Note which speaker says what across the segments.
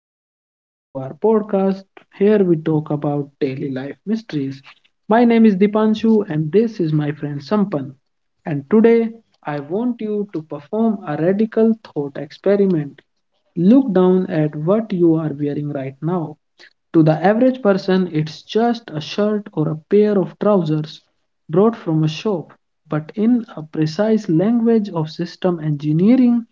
Speaker 1: welcome back to our podcast. Here we talk about daily life mysteries. My name is Dipanshu, and this is my friend Sampan. And today, I want you to perform a radical thought experiment. Look down at what you are wearing right now. To the average person, it's just a shirt or a pair of trousers brought from a shop, but in a precise language of system engineering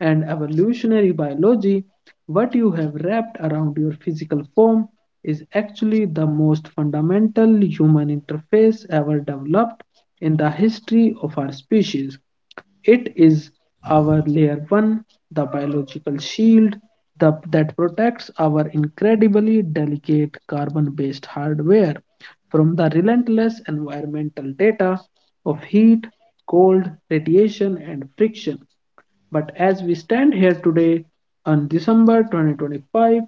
Speaker 1: and evolutionary biology, what you have wrapped around your physical form is actually the most fundamental human interface ever developed in the history of our species. It is our layer 1, the biological shield that protects our incredibly delicate carbon based hardware from the relentless environmental data of heat, cold, radiation, and friction. But as we stand here today on December 2025,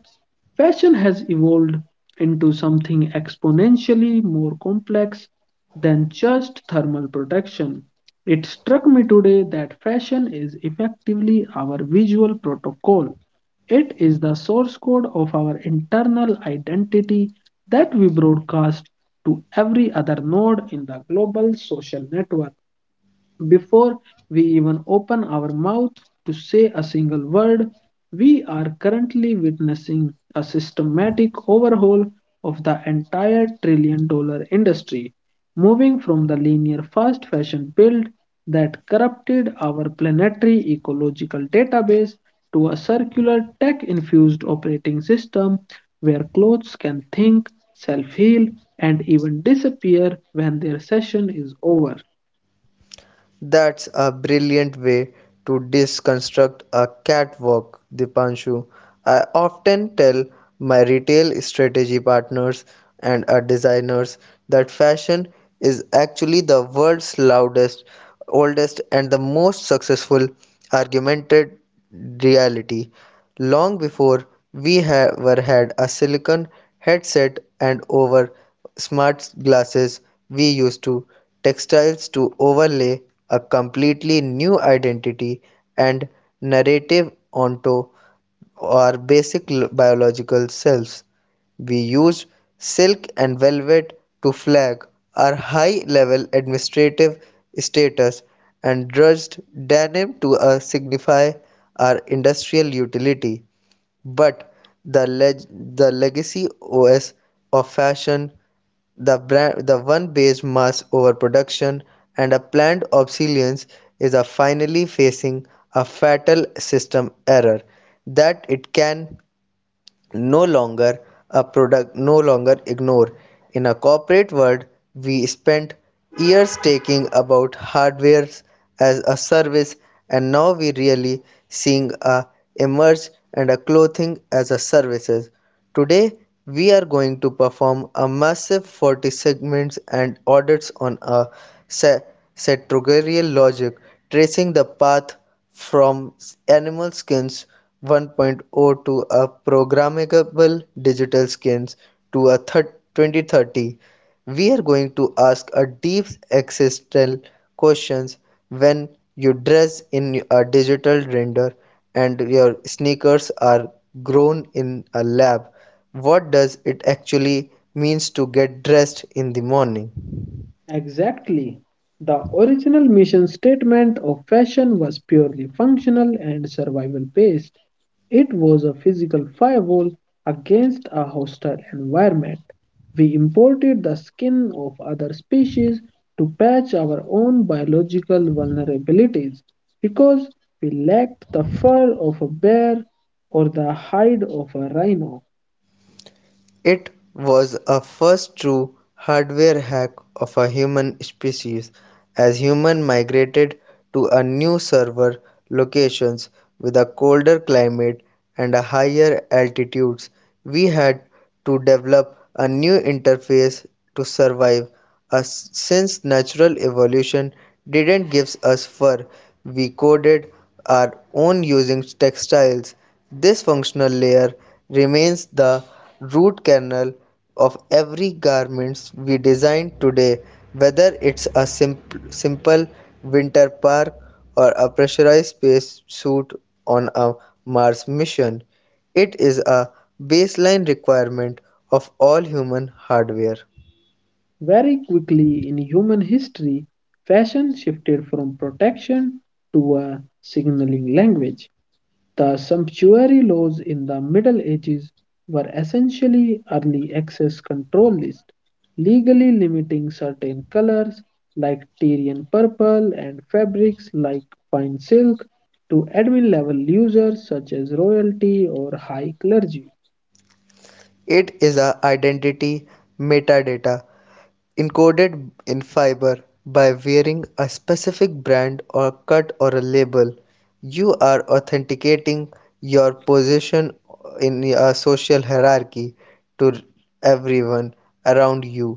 Speaker 1: fashion has evolved into something exponentially more complex than just thermal protection. It struck me today that fashion is effectively our visual protocol. It is the source code of our internal identity that we broadcast to every other node in the global social network. Before we even open our mouth to say a single word, we are currently witnessing a systematic overhaul of the entire trillion dollar industry, moving from the linear fast fashion build that corrupted our planetary ecological database to a circular tech infused operating system where clothes can think, self heal, and even disappear when their session is over.
Speaker 2: That's a brilliant way to deconstruct a catwalk, Dipanshu. I often tell my retail strategy partners and our designers that fashion is actually the world's loudest, oldest, and the most successful augmented reality. Long before we have, were had a silicon headset and over smart glasses, we used to textiles to overlay a completely new identity and narrative onto our basic biological selves. We use silk and velvet to flag our high level administrative status and drudged denim to signify our industrial utility, but the the legacy OS of fashion, the brand, the one based mass overproduction and a planned obsolescence is a finally facing a fatal system error that it can no longer a product no longer ignore. In a corporate world, we spent years taking about hardware as a service, and now we really seeing a emerge and a clothing as a services. Today we are going to perform a massive 40 segments and audits on a categorical logic, tracing the path from animal skins 1.0 to a programmable digital skins to a 2030. We are going to ask a deep existential questions when you dress in a digital render and your sneakers are grown in a lab. What does it actually means to get dressed in the morning?
Speaker 1: Exactly. The original mission statement of fashion was purely functional and survival based. It was a physical firewall against a hostile environment. We imported the skin of other species to patch our own biological vulnerabilities because we lacked the fur of a bear or the hide of a rhino.
Speaker 2: It was a first true hardware hack of a human species, as humans migrated to a new server locations with a colder climate and a higher altitudes. We had to develop a new interface to survive, as since natural evolution didn't give us fur. We coded our own using textiles. This functional layer remains the root kernel of every garment we design today, whether it's a simple winter park or a pressurized space suit on a Mars mission. It is a baseline requirement of all human hardware.
Speaker 1: Very quickly in human history, fashion shifted from protection to a signaling language. The sumptuary laws in the Middle Ages were essentially early access control lists, legally limiting certain colors like Tyrian purple and fabrics like fine silk to admin level users such as royalty or high clergy.
Speaker 2: It is a identity metadata encoded in fiber. By wearing a specific brand or cut or a label, you are authenticating your position in a social hierarchy to everyone around you.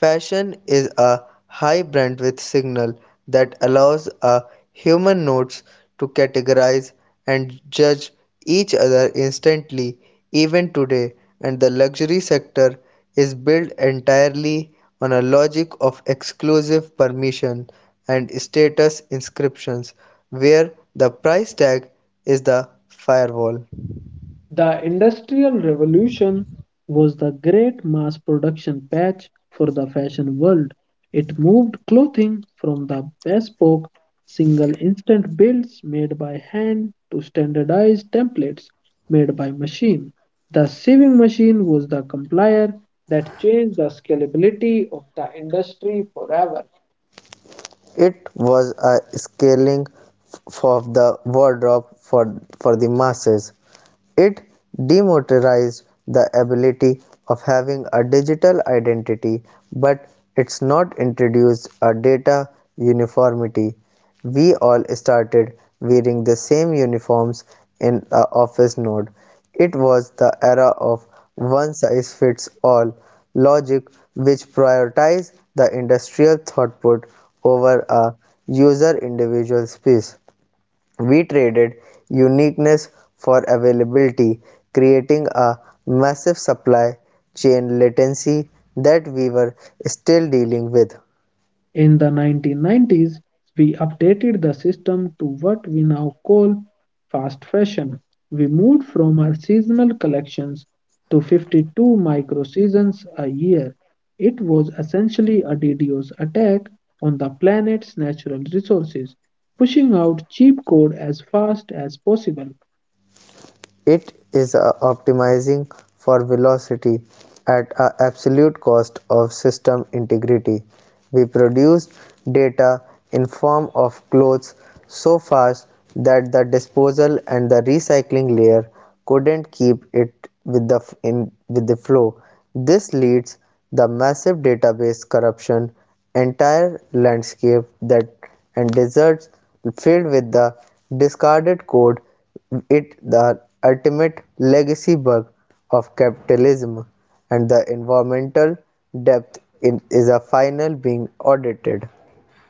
Speaker 2: Fashion is a high bandwidth signal that allows a human nodes to categorize and judge each other instantly, even today. And the luxury sector is built entirely on a logic of exclusive permission and status inscriptions, where the price tag is the firewall.
Speaker 1: The Industrial Revolution was the great mass production patch for the fashion world. It moved clothing from the bespoke, single instant builds made by hand to standardized templates made by machine. The sewing machine was the complier that changed the scalability of the industry forever.
Speaker 2: It was a scaling of the wardrobe for the masses. It democratized the ability of having a digital identity, but it's not introduced a data uniformity. We all started wearing the same uniforms in a office node. It was the era of one size fits all logic, which prioritized the industrial throughput over a user individual space. We traded uniqueness for availability, creating a massive supply chain latency that we were still dealing with.
Speaker 1: In the 1990s, we updated the system to what we now call fast fashion. We moved from our seasonal collections to 52 microseasons a year. It was essentially a DDoS attack on the planet's natural resources, pushing out cheap code as fast as possible.
Speaker 2: It is optimizing for velocity at an absolute cost of system integrity. We produce data in form of clothes so fast that the disposal and the recycling layer couldn't keep it with the flow. This leads the massive database corruption, entire landscape that and deserts filled with the discarded code. It the ultimate legacy bug of capitalism and the environmental depth is a final being audited.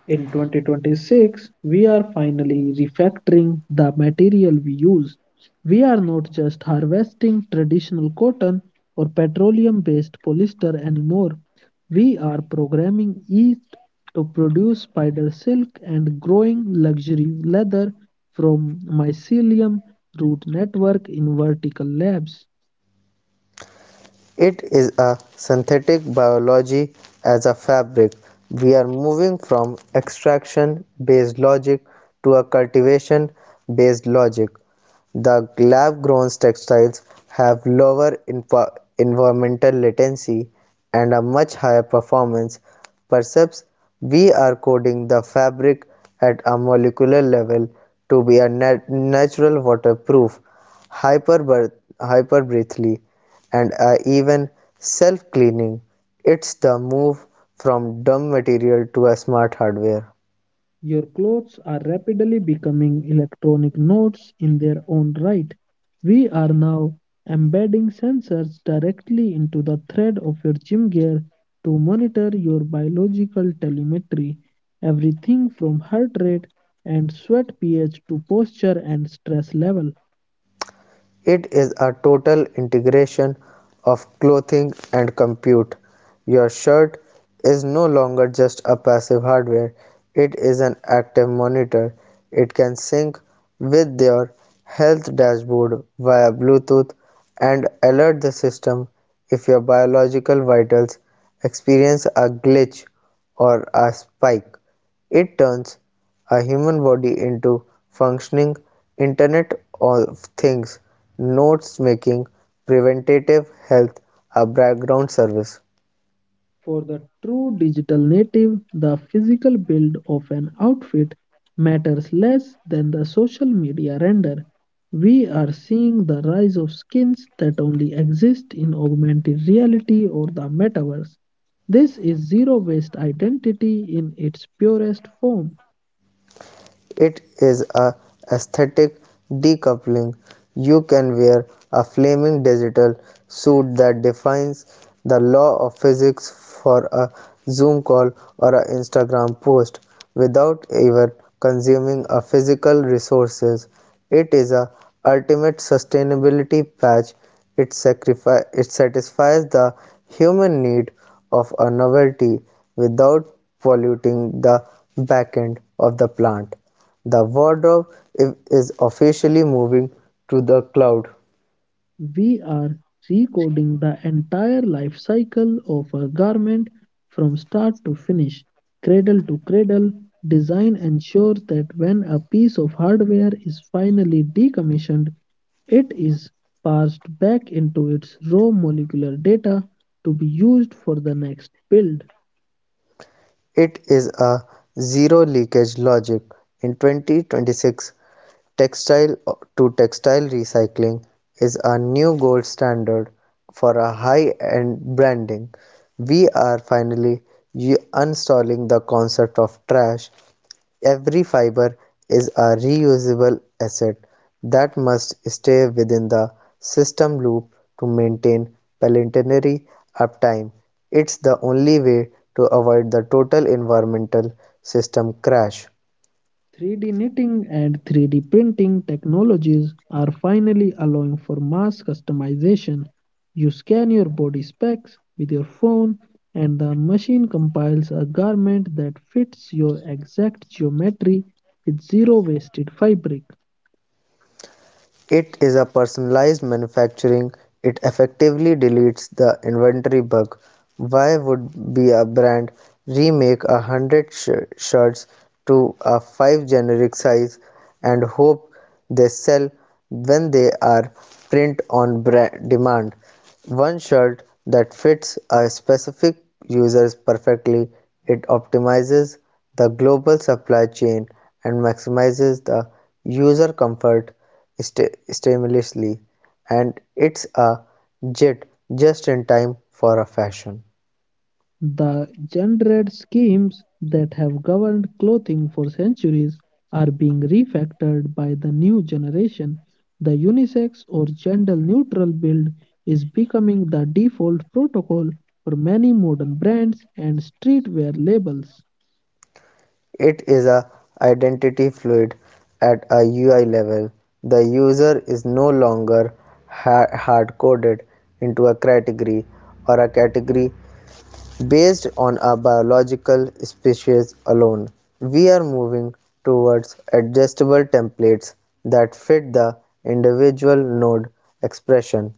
Speaker 1: In 2026, we are finally refactoring the material we use. We are not just harvesting traditional cotton or petroleum based polyester anymore. We are programming yeast to produce spider silk and growing luxury leather from mycelium root network in vertical labs.
Speaker 2: It is a synthetic biology as a fabric. We are moving from extraction based logic to a cultivation based logic. The lab grown textiles have lower environmental latency and a much higher performance. Perhaps we are coding the fabric at a molecular level to be a natural waterproof, hyper hyper breathly, and are even self-cleaning. It's the move from dumb material to a smart hardware.
Speaker 1: Your clothes are rapidly becoming electronic nodes in their own right. We are now embedding sensors directly into the thread of your gym gear to monitor your biological telemetry, everything from heart rate and sweat pH to posture and stress level.
Speaker 2: It is a total integration of clothing and compute. Your shirt is no longer just a passive hardware, it is an active monitor. It can sync with your health dashboard via Bluetooth and alert the system if your biological vitals experience a glitch or a spike. It turns a human body into functioning Internet of Things, notes making, preventative health, a background service.
Speaker 1: For the true digital native, the physical build of an outfit matters less than the social media render. We are seeing the rise of skins that only exist in augmented reality or the metaverse. This is zero waste identity in its purest form.
Speaker 2: It is a aesthetic decoupling. You can wear a flaming digital suit that defines the law of physics for a Zoom call or an Instagram post without ever consuming a physical resources. It is a ultimate sustainability patch. It satisfies the human need of a novelty without polluting the back end of the plant. The wardrobe is officially moving to the cloud.
Speaker 1: We are recoding the entire life cycle of a garment from start to finish, cradle to cradle. Design ensures that when a piece of hardware is finally decommissioned, it is parsed back into its raw molecular data to be used for the next build.
Speaker 2: It is a zero-leakage logic. In 2026, textile-to-textile recycling is a new gold standard for a high-end branding. We are finally uninstalling the concept of trash. Every fiber is a reusable asset that must stay within the system loop to maintain planetary uptime. It's the only way to avoid the total environmental system crash.
Speaker 1: 3D knitting and 3D printing technologies are finally allowing for mass customization. You scan your body specs with your phone, and the machine compiles a garment that fits your exact geometry with zero wasted fabric.
Speaker 2: It is a personalized manufacturing, it effectively deletes the inventory bug. Why would be a brand remake 100 shirts to a five generic size and hope they sell when they are print on demand? One shirt that fits a specific user perfectly, it optimizes the global supply chain and maximizes the user comfort seamlessly, and it's a JIT just in time for a fashion.
Speaker 1: The gendered schemes that have governed clothing for centuries are being refactored by the new generation. The unisex or gender neutral build is becoming the default protocol for many modern brands and streetwear labels.
Speaker 2: It is a identity fluid at a UI level. The user is no longer hard coded into a category based on a biological species alone. We are moving towards adjustable templates that fit the individual node expression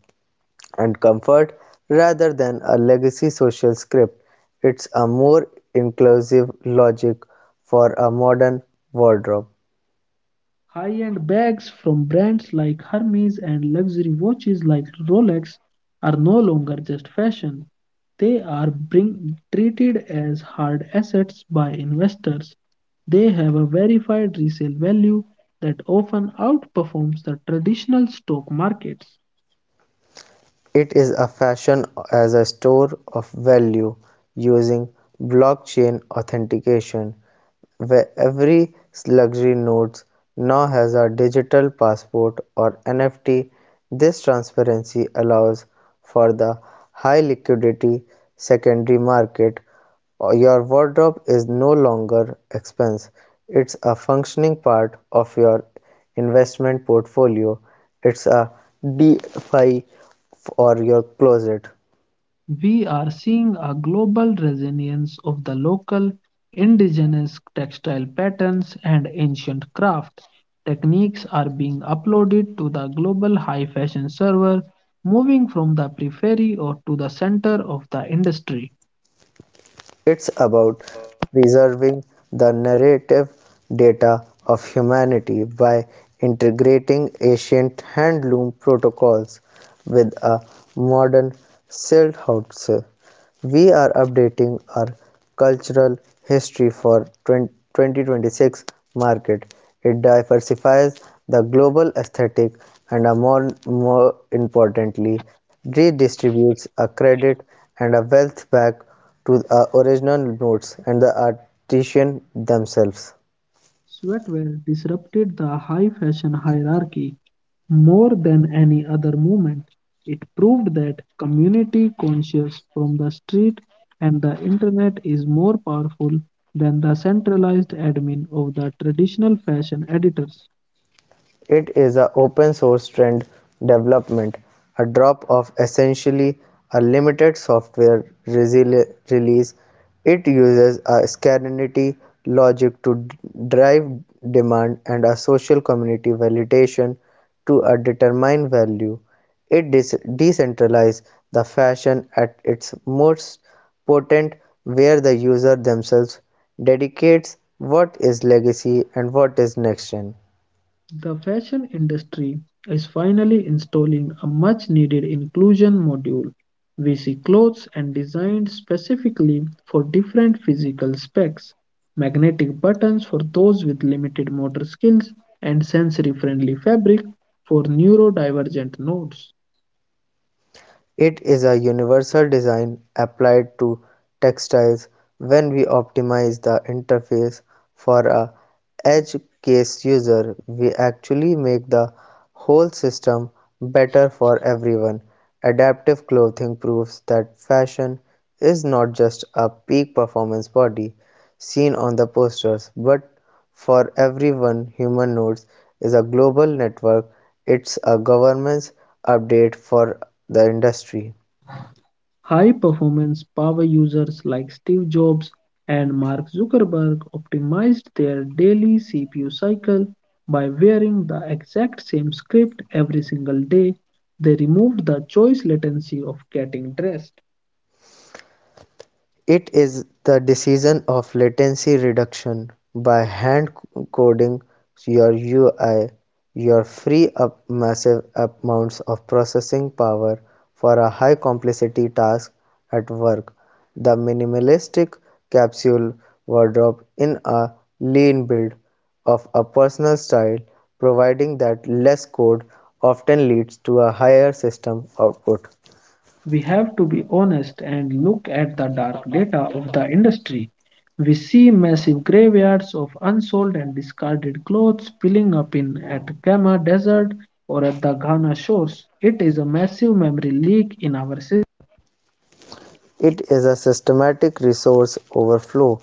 Speaker 2: and comfort rather than a legacy social script. It's a more inclusive logic for a modern wardrobe.
Speaker 1: High-end bags from brands like Hermes and luxury watches like Rolex are no longer just fashion. They are treated as hard assets by investors. They have a verified resale value that often outperforms the traditional stock markets.
Speaker 2: It is a fashion as a store of value using blockchain authentication, where every luxury note now has a digital passport or NFT. This transparency allows for the high liquidity secondary market. Your wardrobe is no longer expense. It's a functioning part of your investment portfolio. It's a DFI for your closet.
Speaker 1: We are seeing a global resilience of the local indigenous textile patterns and ancient craft. Techniques are being uploaded to the global high fashion server, moving from the periphery or to the center of the industry.
Speaker 2: It's about preserving the narrative data of humanity by integrating ancient handloom protocols with a modern silthouse. We are updating our cultural history for 2026 market. It diversifies the global aesthetic and a more importantly, redistributes a credit and a wealth back to the original notes and the artisan themselves.
Speaker 1: Sweatwear disrupted the high fashion hierarchy, more than any other movement, it proved that community conscious from the street and the internet is more powerful than the centralized admin of the traditional fashion editors.
Speaker 2: It is an open source trend development, a drop of essentially a limited software release. It uses a scarcity logic to drive demand and a social community validation to a determined value. It decentralizes the fashion at its most potent, where the user themselves dedicates what is legacy and what is next gen.
Speaker 1: The fashion industry is finally installing a much needed inclusion module. We see clothes and designed specifically for different physical specs, magnetic buttons for those with limited motor skills, and sensory friendly fabric for neurodivergent nodes.
Speaker 2: It is a universal design applied to textiles. When we optimize the interface for a edge case user, we actually make the whole system better for everyone. Adaptive clothing proves that fashion is not just a peak performance body seen on the posters but for everyone. Human nodes is a global network, it's a governance update for the industry.
Speaker 1: High-performance power users like Steve Jobs and Mark Zuckerberg optimized their daily CPU cycle by wearing the exact same script every single day. They removed the choice latency of getting dressed.
Speaker 2: It is the decision of latency reduction by hand coding your UI. You free up massive amounts of processing power for a high complexity task at work. The minimalistic capsule wardrobe in a lean build of a personal style, providing that less code often leads to a higher system output.
Speaker 1: We have to be honest and look at the dark data of the industry. We see massive graveyards of unsold and discarded clothes piling up in at Kama Desert or at the Ghana shores. It is a massive memory leak in our
Speaker 2: It is a systematic resource overflow.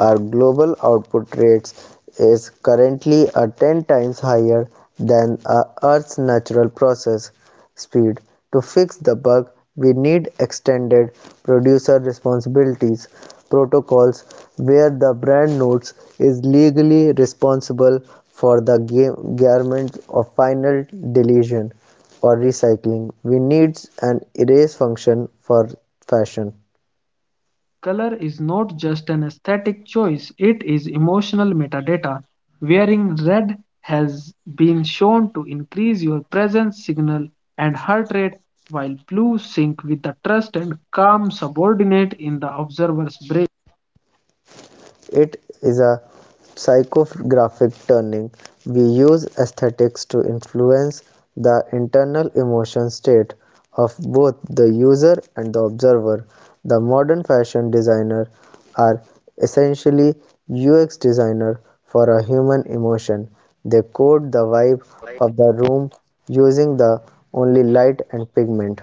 Speaker 2: Our global output rates is currently a 10 times higher than our Earth's natural process speed. To fix the bug, we need extended producer responsibilities protocols, where the brand notes is legally responsible for the game garment of final deletion. For recycling, we need an erase function for fashion.
Speaker 1: color is not just an aesthetic choice, it is emotional metadata. Wearing red has been shown to increase your presence signal and heart rate, while blue sync with the trust and calm subordinate in the observer's brain.
Speaker 2: It is a psychographic turning. We use aesthetics to influence the internal emotion state of both the user and the observer. The modern fashion designer are essentially UX designer for a human emotion. They code the vibe of the room using the only light and pigment.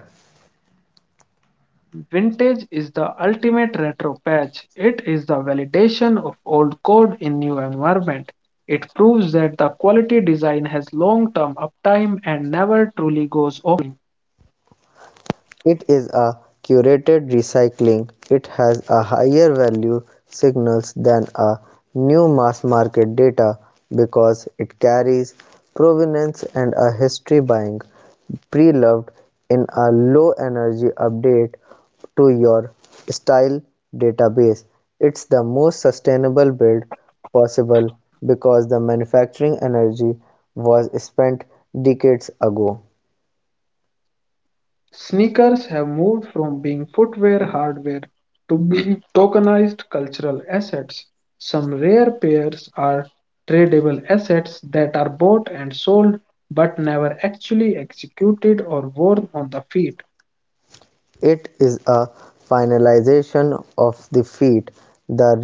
Speaker 1: Vintage is the ultimate retro patch. It is the validation of old code in new environment. It proves that the quality design has long-term uptime and never truly goes off.
Speaker 2: It is a curated recycling; it has a higher value signals than a new mass-market data because it carries provenance and a history buying pre-loved in a low-energy update to your style database. It's the most sustainable build possible because the manufacturing energy was spent decades ago.
Speaker 1: Sneakers have moved from being footwear hardware to being tokenized cultural assets. Some rare pairs are tradable assets that are bought and sold but never actually executed or worn on the feet.
Speaker 2: It is a finalization of the feat. The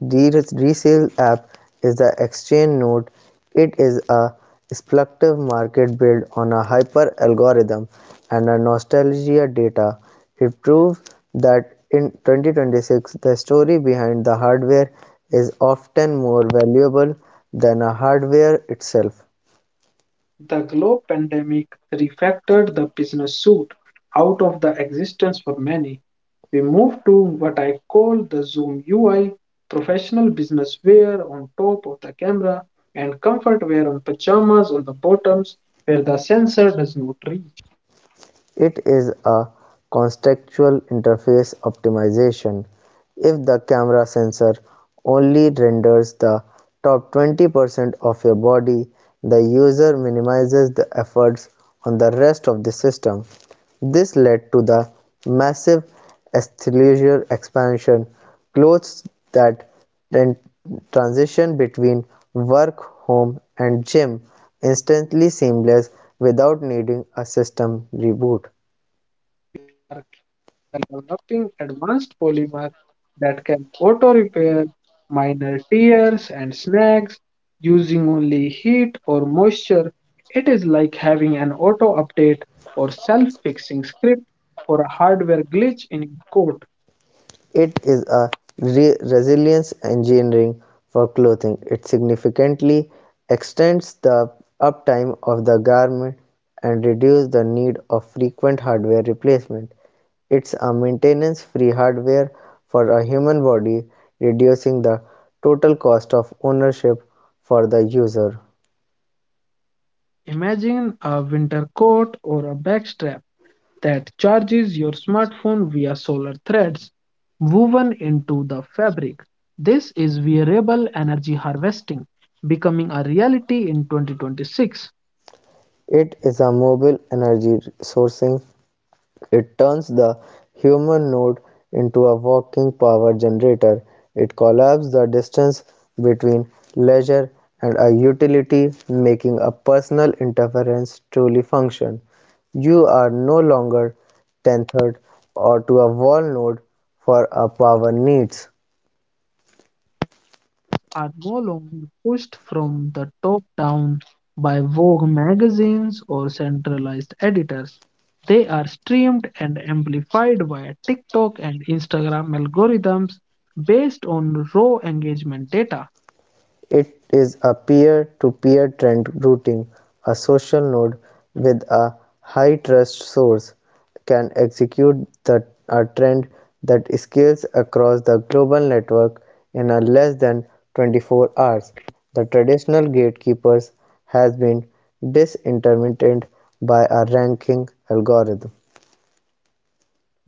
Speaker 2: resale app is the exchange node. It is a speculative market built on a hyper algorithm and a nostalgia data. It proves that in 2026 the story behind the hardware is often more valuable than the hardware itself.
Speaker 1: The global pandemic refactored the business suit out of the existence for many. We moved to what I call the Zoom UI, professional business wear on top of the camera and comfort wear on pajamas on the bottoms where the sensor does not reach.
Speaker 2: It is a contextual interface optimization. If the camera sensor only renders the top 20% of your body, the user minimizes the efforts on the rest of the system. This led to the massive athleisure expansion, clothes that transition between work, home, and gym instantly seamless without needing a system reboot.
Speaker 1: Developing advanced polymers that can auto repair minor tears and snags using only heat or moisture. It is like having an auto update or self fixing script for a hardware glitch in your coat.
Speaker 2: It is a resilience engineering for clothing. It significantly extends the uptime of the garment and reduces the need of frequent hardware replacement. It's a maintenance free hardware for a human body, reducing the total cost of ownership for the user.
Speaker 1: Imagine a winter coat or a backstrap that charges your smartphone via solar threads woven into the fabric. This is wearable energy harvesting becoming a reality in 2026.
Speaker 2: It is a mobile energy sourcing. It turns the human node into a walking power generator. It collapses the distance between leisure and a utility, making a personal interference truly function. You are no longer tethered or to a wall node for our power needs.
Speaker 1: Are no longer pushed from the top down by Vogue magazines or centralized editors. They are streamed and amplified via TikTok and Instagram algorithms based on raw engagement data.
Speaker 2: It is a peer-to-peer trend routing, a social node with a high-trust source can execute a trend that scales across the global network in a less than 24 hours. The traditional gatekeepers has been disintermittent by a ranking algorithm.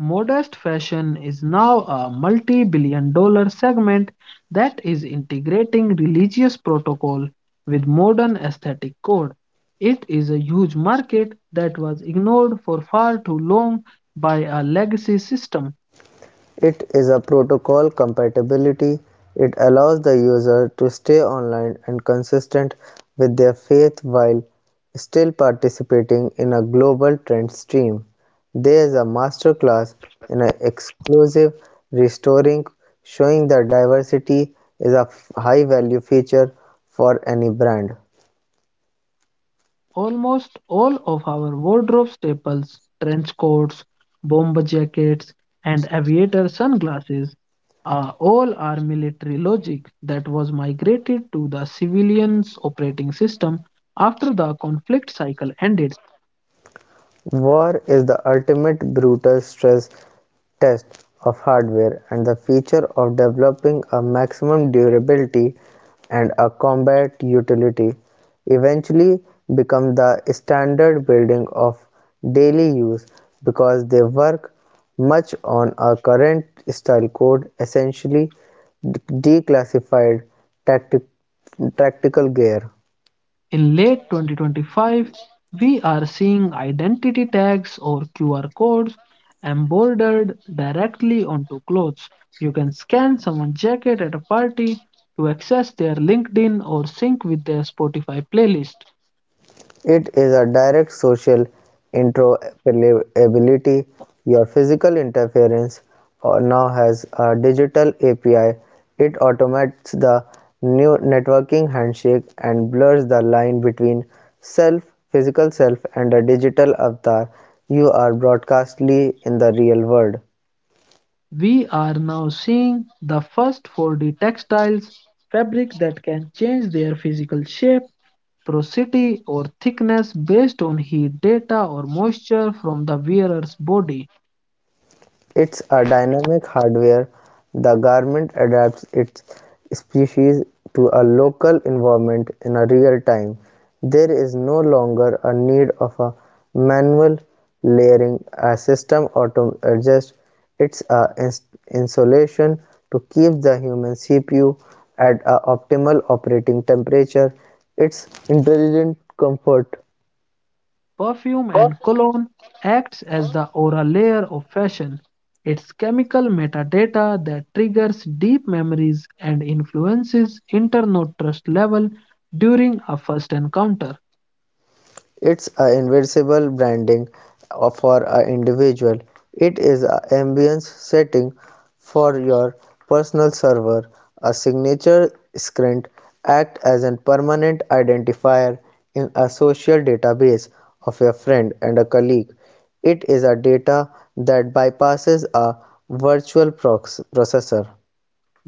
Speaker 1: Modest fashion is now a multi billion dollar segment that is integrating religious protocol with modern aesthetic code. It is a huge market that was ignored for far too long by a legacy system.
Speaker 2: It is a protocol compatibility, it allows the user to stay online and consistent with their faith while still participating in a global trend stream. There is a masterclass in an exclusive restoring, showing that diversity is a high value feature for any brand.
Speaker 1: Almost all of our wardrobe staples, trench coats, bomber jackets, and aviator sunglasses, are all are military logic that was migrated to the civilian's operating system after the conflict cycle ended.
Speaker 2: War is the ultimate brutal stress test of hardware, and the feature of developing a maximum durability and a combat utility eventually become the standard building of daily use because they work much on a current style code, essentially declassified tactic- tactical gear.
Speaker 1: In late 2025, we are seeing identity tags or QR codes embroidered directly onto clothes. You can scan someone's jacket at a party to access their LinkedIn or sync with their Spotify playlist.
Speaker 2: It is a direct social interoperability. Your physical interference now has a digital API. It automates the new networking handshake and blurs the line between self, physical self, and a digital avatar. You are broadcastly in the real world.
Speaker 1: We are now seeing the first 4D textiles fabric that can change their physical shape, porosity, or thickness based on heat data or moisture from the wearer's body.
Speaker 2: It's a dynamic hardware; the garment adapts its species to a local environment in a real time. There is no longer a need of a manual layering; a system auto adjusts its insulation to keep the human CPU at a optimal operating temperature. It's intelligent comfort.
Speaker 1: Perfume and cologne acts as the oral layer of fashion. It's chemical metadata that triggers deep memories and influences internal trust level during a first encounter.
Speaker 2: It's a invincible branding for an individual. It is an ambience setting for your personal server. A signature screen acts as a permanent identifier in a social database of your friend and a colleague. It is a data that bypasses a virtual processor.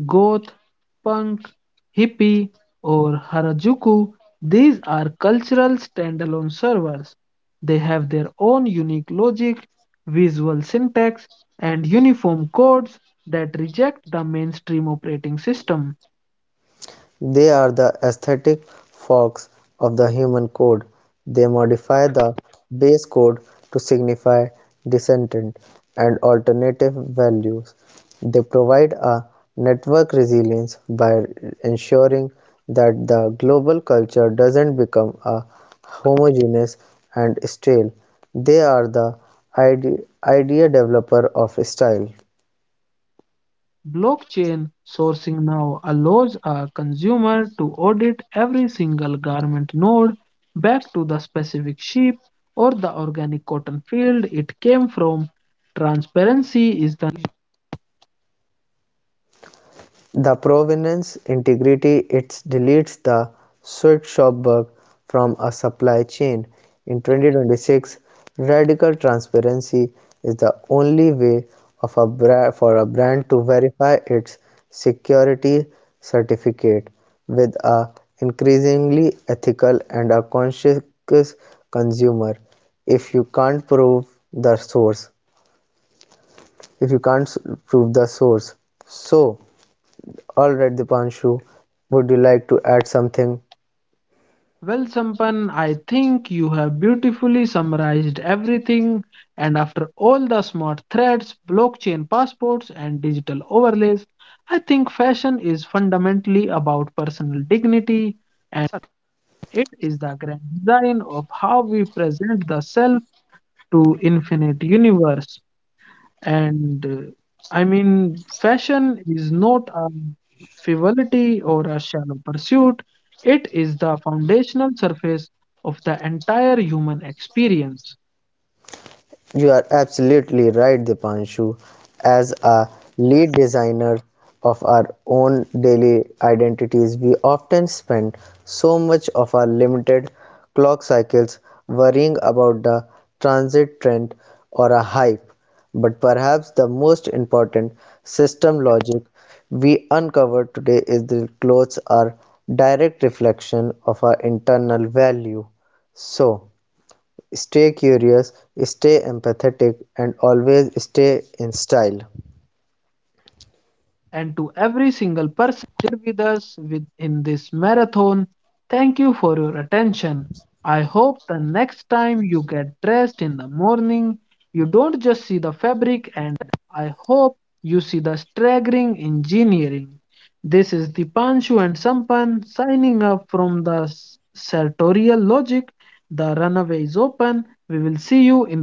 Speaker 1: Goth, punk, hippie, or Harajuku, these are cultural standalone servers. They have their own unique logic, visual syntax, and uniform codes that reject the mainstream operating system.
Speaker 2: They are the aesthetic forks of the human code. They modify the base code to signify dissentient and alternative values. They provide a network resilience by ensuring that the global culture doesn't become a homogeneous and stale. They are the idea developer of style.
Speaker 1: Blockchain sourcing now allows a consumer to audit every single garment node back to the specific sheep or the organic cotton field it came from. Transparency is the
Speaker 2: The provenance integrity it deletes the Schwarzschild bug from a supply chain. In 2026, radical transparency is the only way for a brand to verify its security certificate with a increasingly ethical and a conscious consumer. If you can't prove the source, if you can't prove the source, so all right, Dipanshu, would you like to add something?
Speaker 1: well, Sampan, I think you have beautifully summarized everything. And after all the smart threads, blockchain passports, and digital overlays, I think fashion is fundamentally about personal dignity. It is the grand design of how we present the self to infinite universe. And I mean, fashion is not a frivolity or a shallow pursuit. It is the foundational surface of the entire human experience.
Speaker 2: You are absolutely right, Dipanshu. As a lead designer of our own daily identities, we often spend so much of our limited clock cycles worrying about the transit trend or a hype. But perhaps the most important system logic we uncovered today is that clothes are direct reflection of our internal value. So, stay curious, stay empathetic, and always stay in style.
Speaker 1: And to every single person here with us in this marathon, thank you for your attention. I hope the next time you get dressed in the morning, you don't just see the fabric and. I hope you see the staggering engineering. This is the Dipanshu and Sampan signing up from the sartorial logic. The runway is open. We will see you in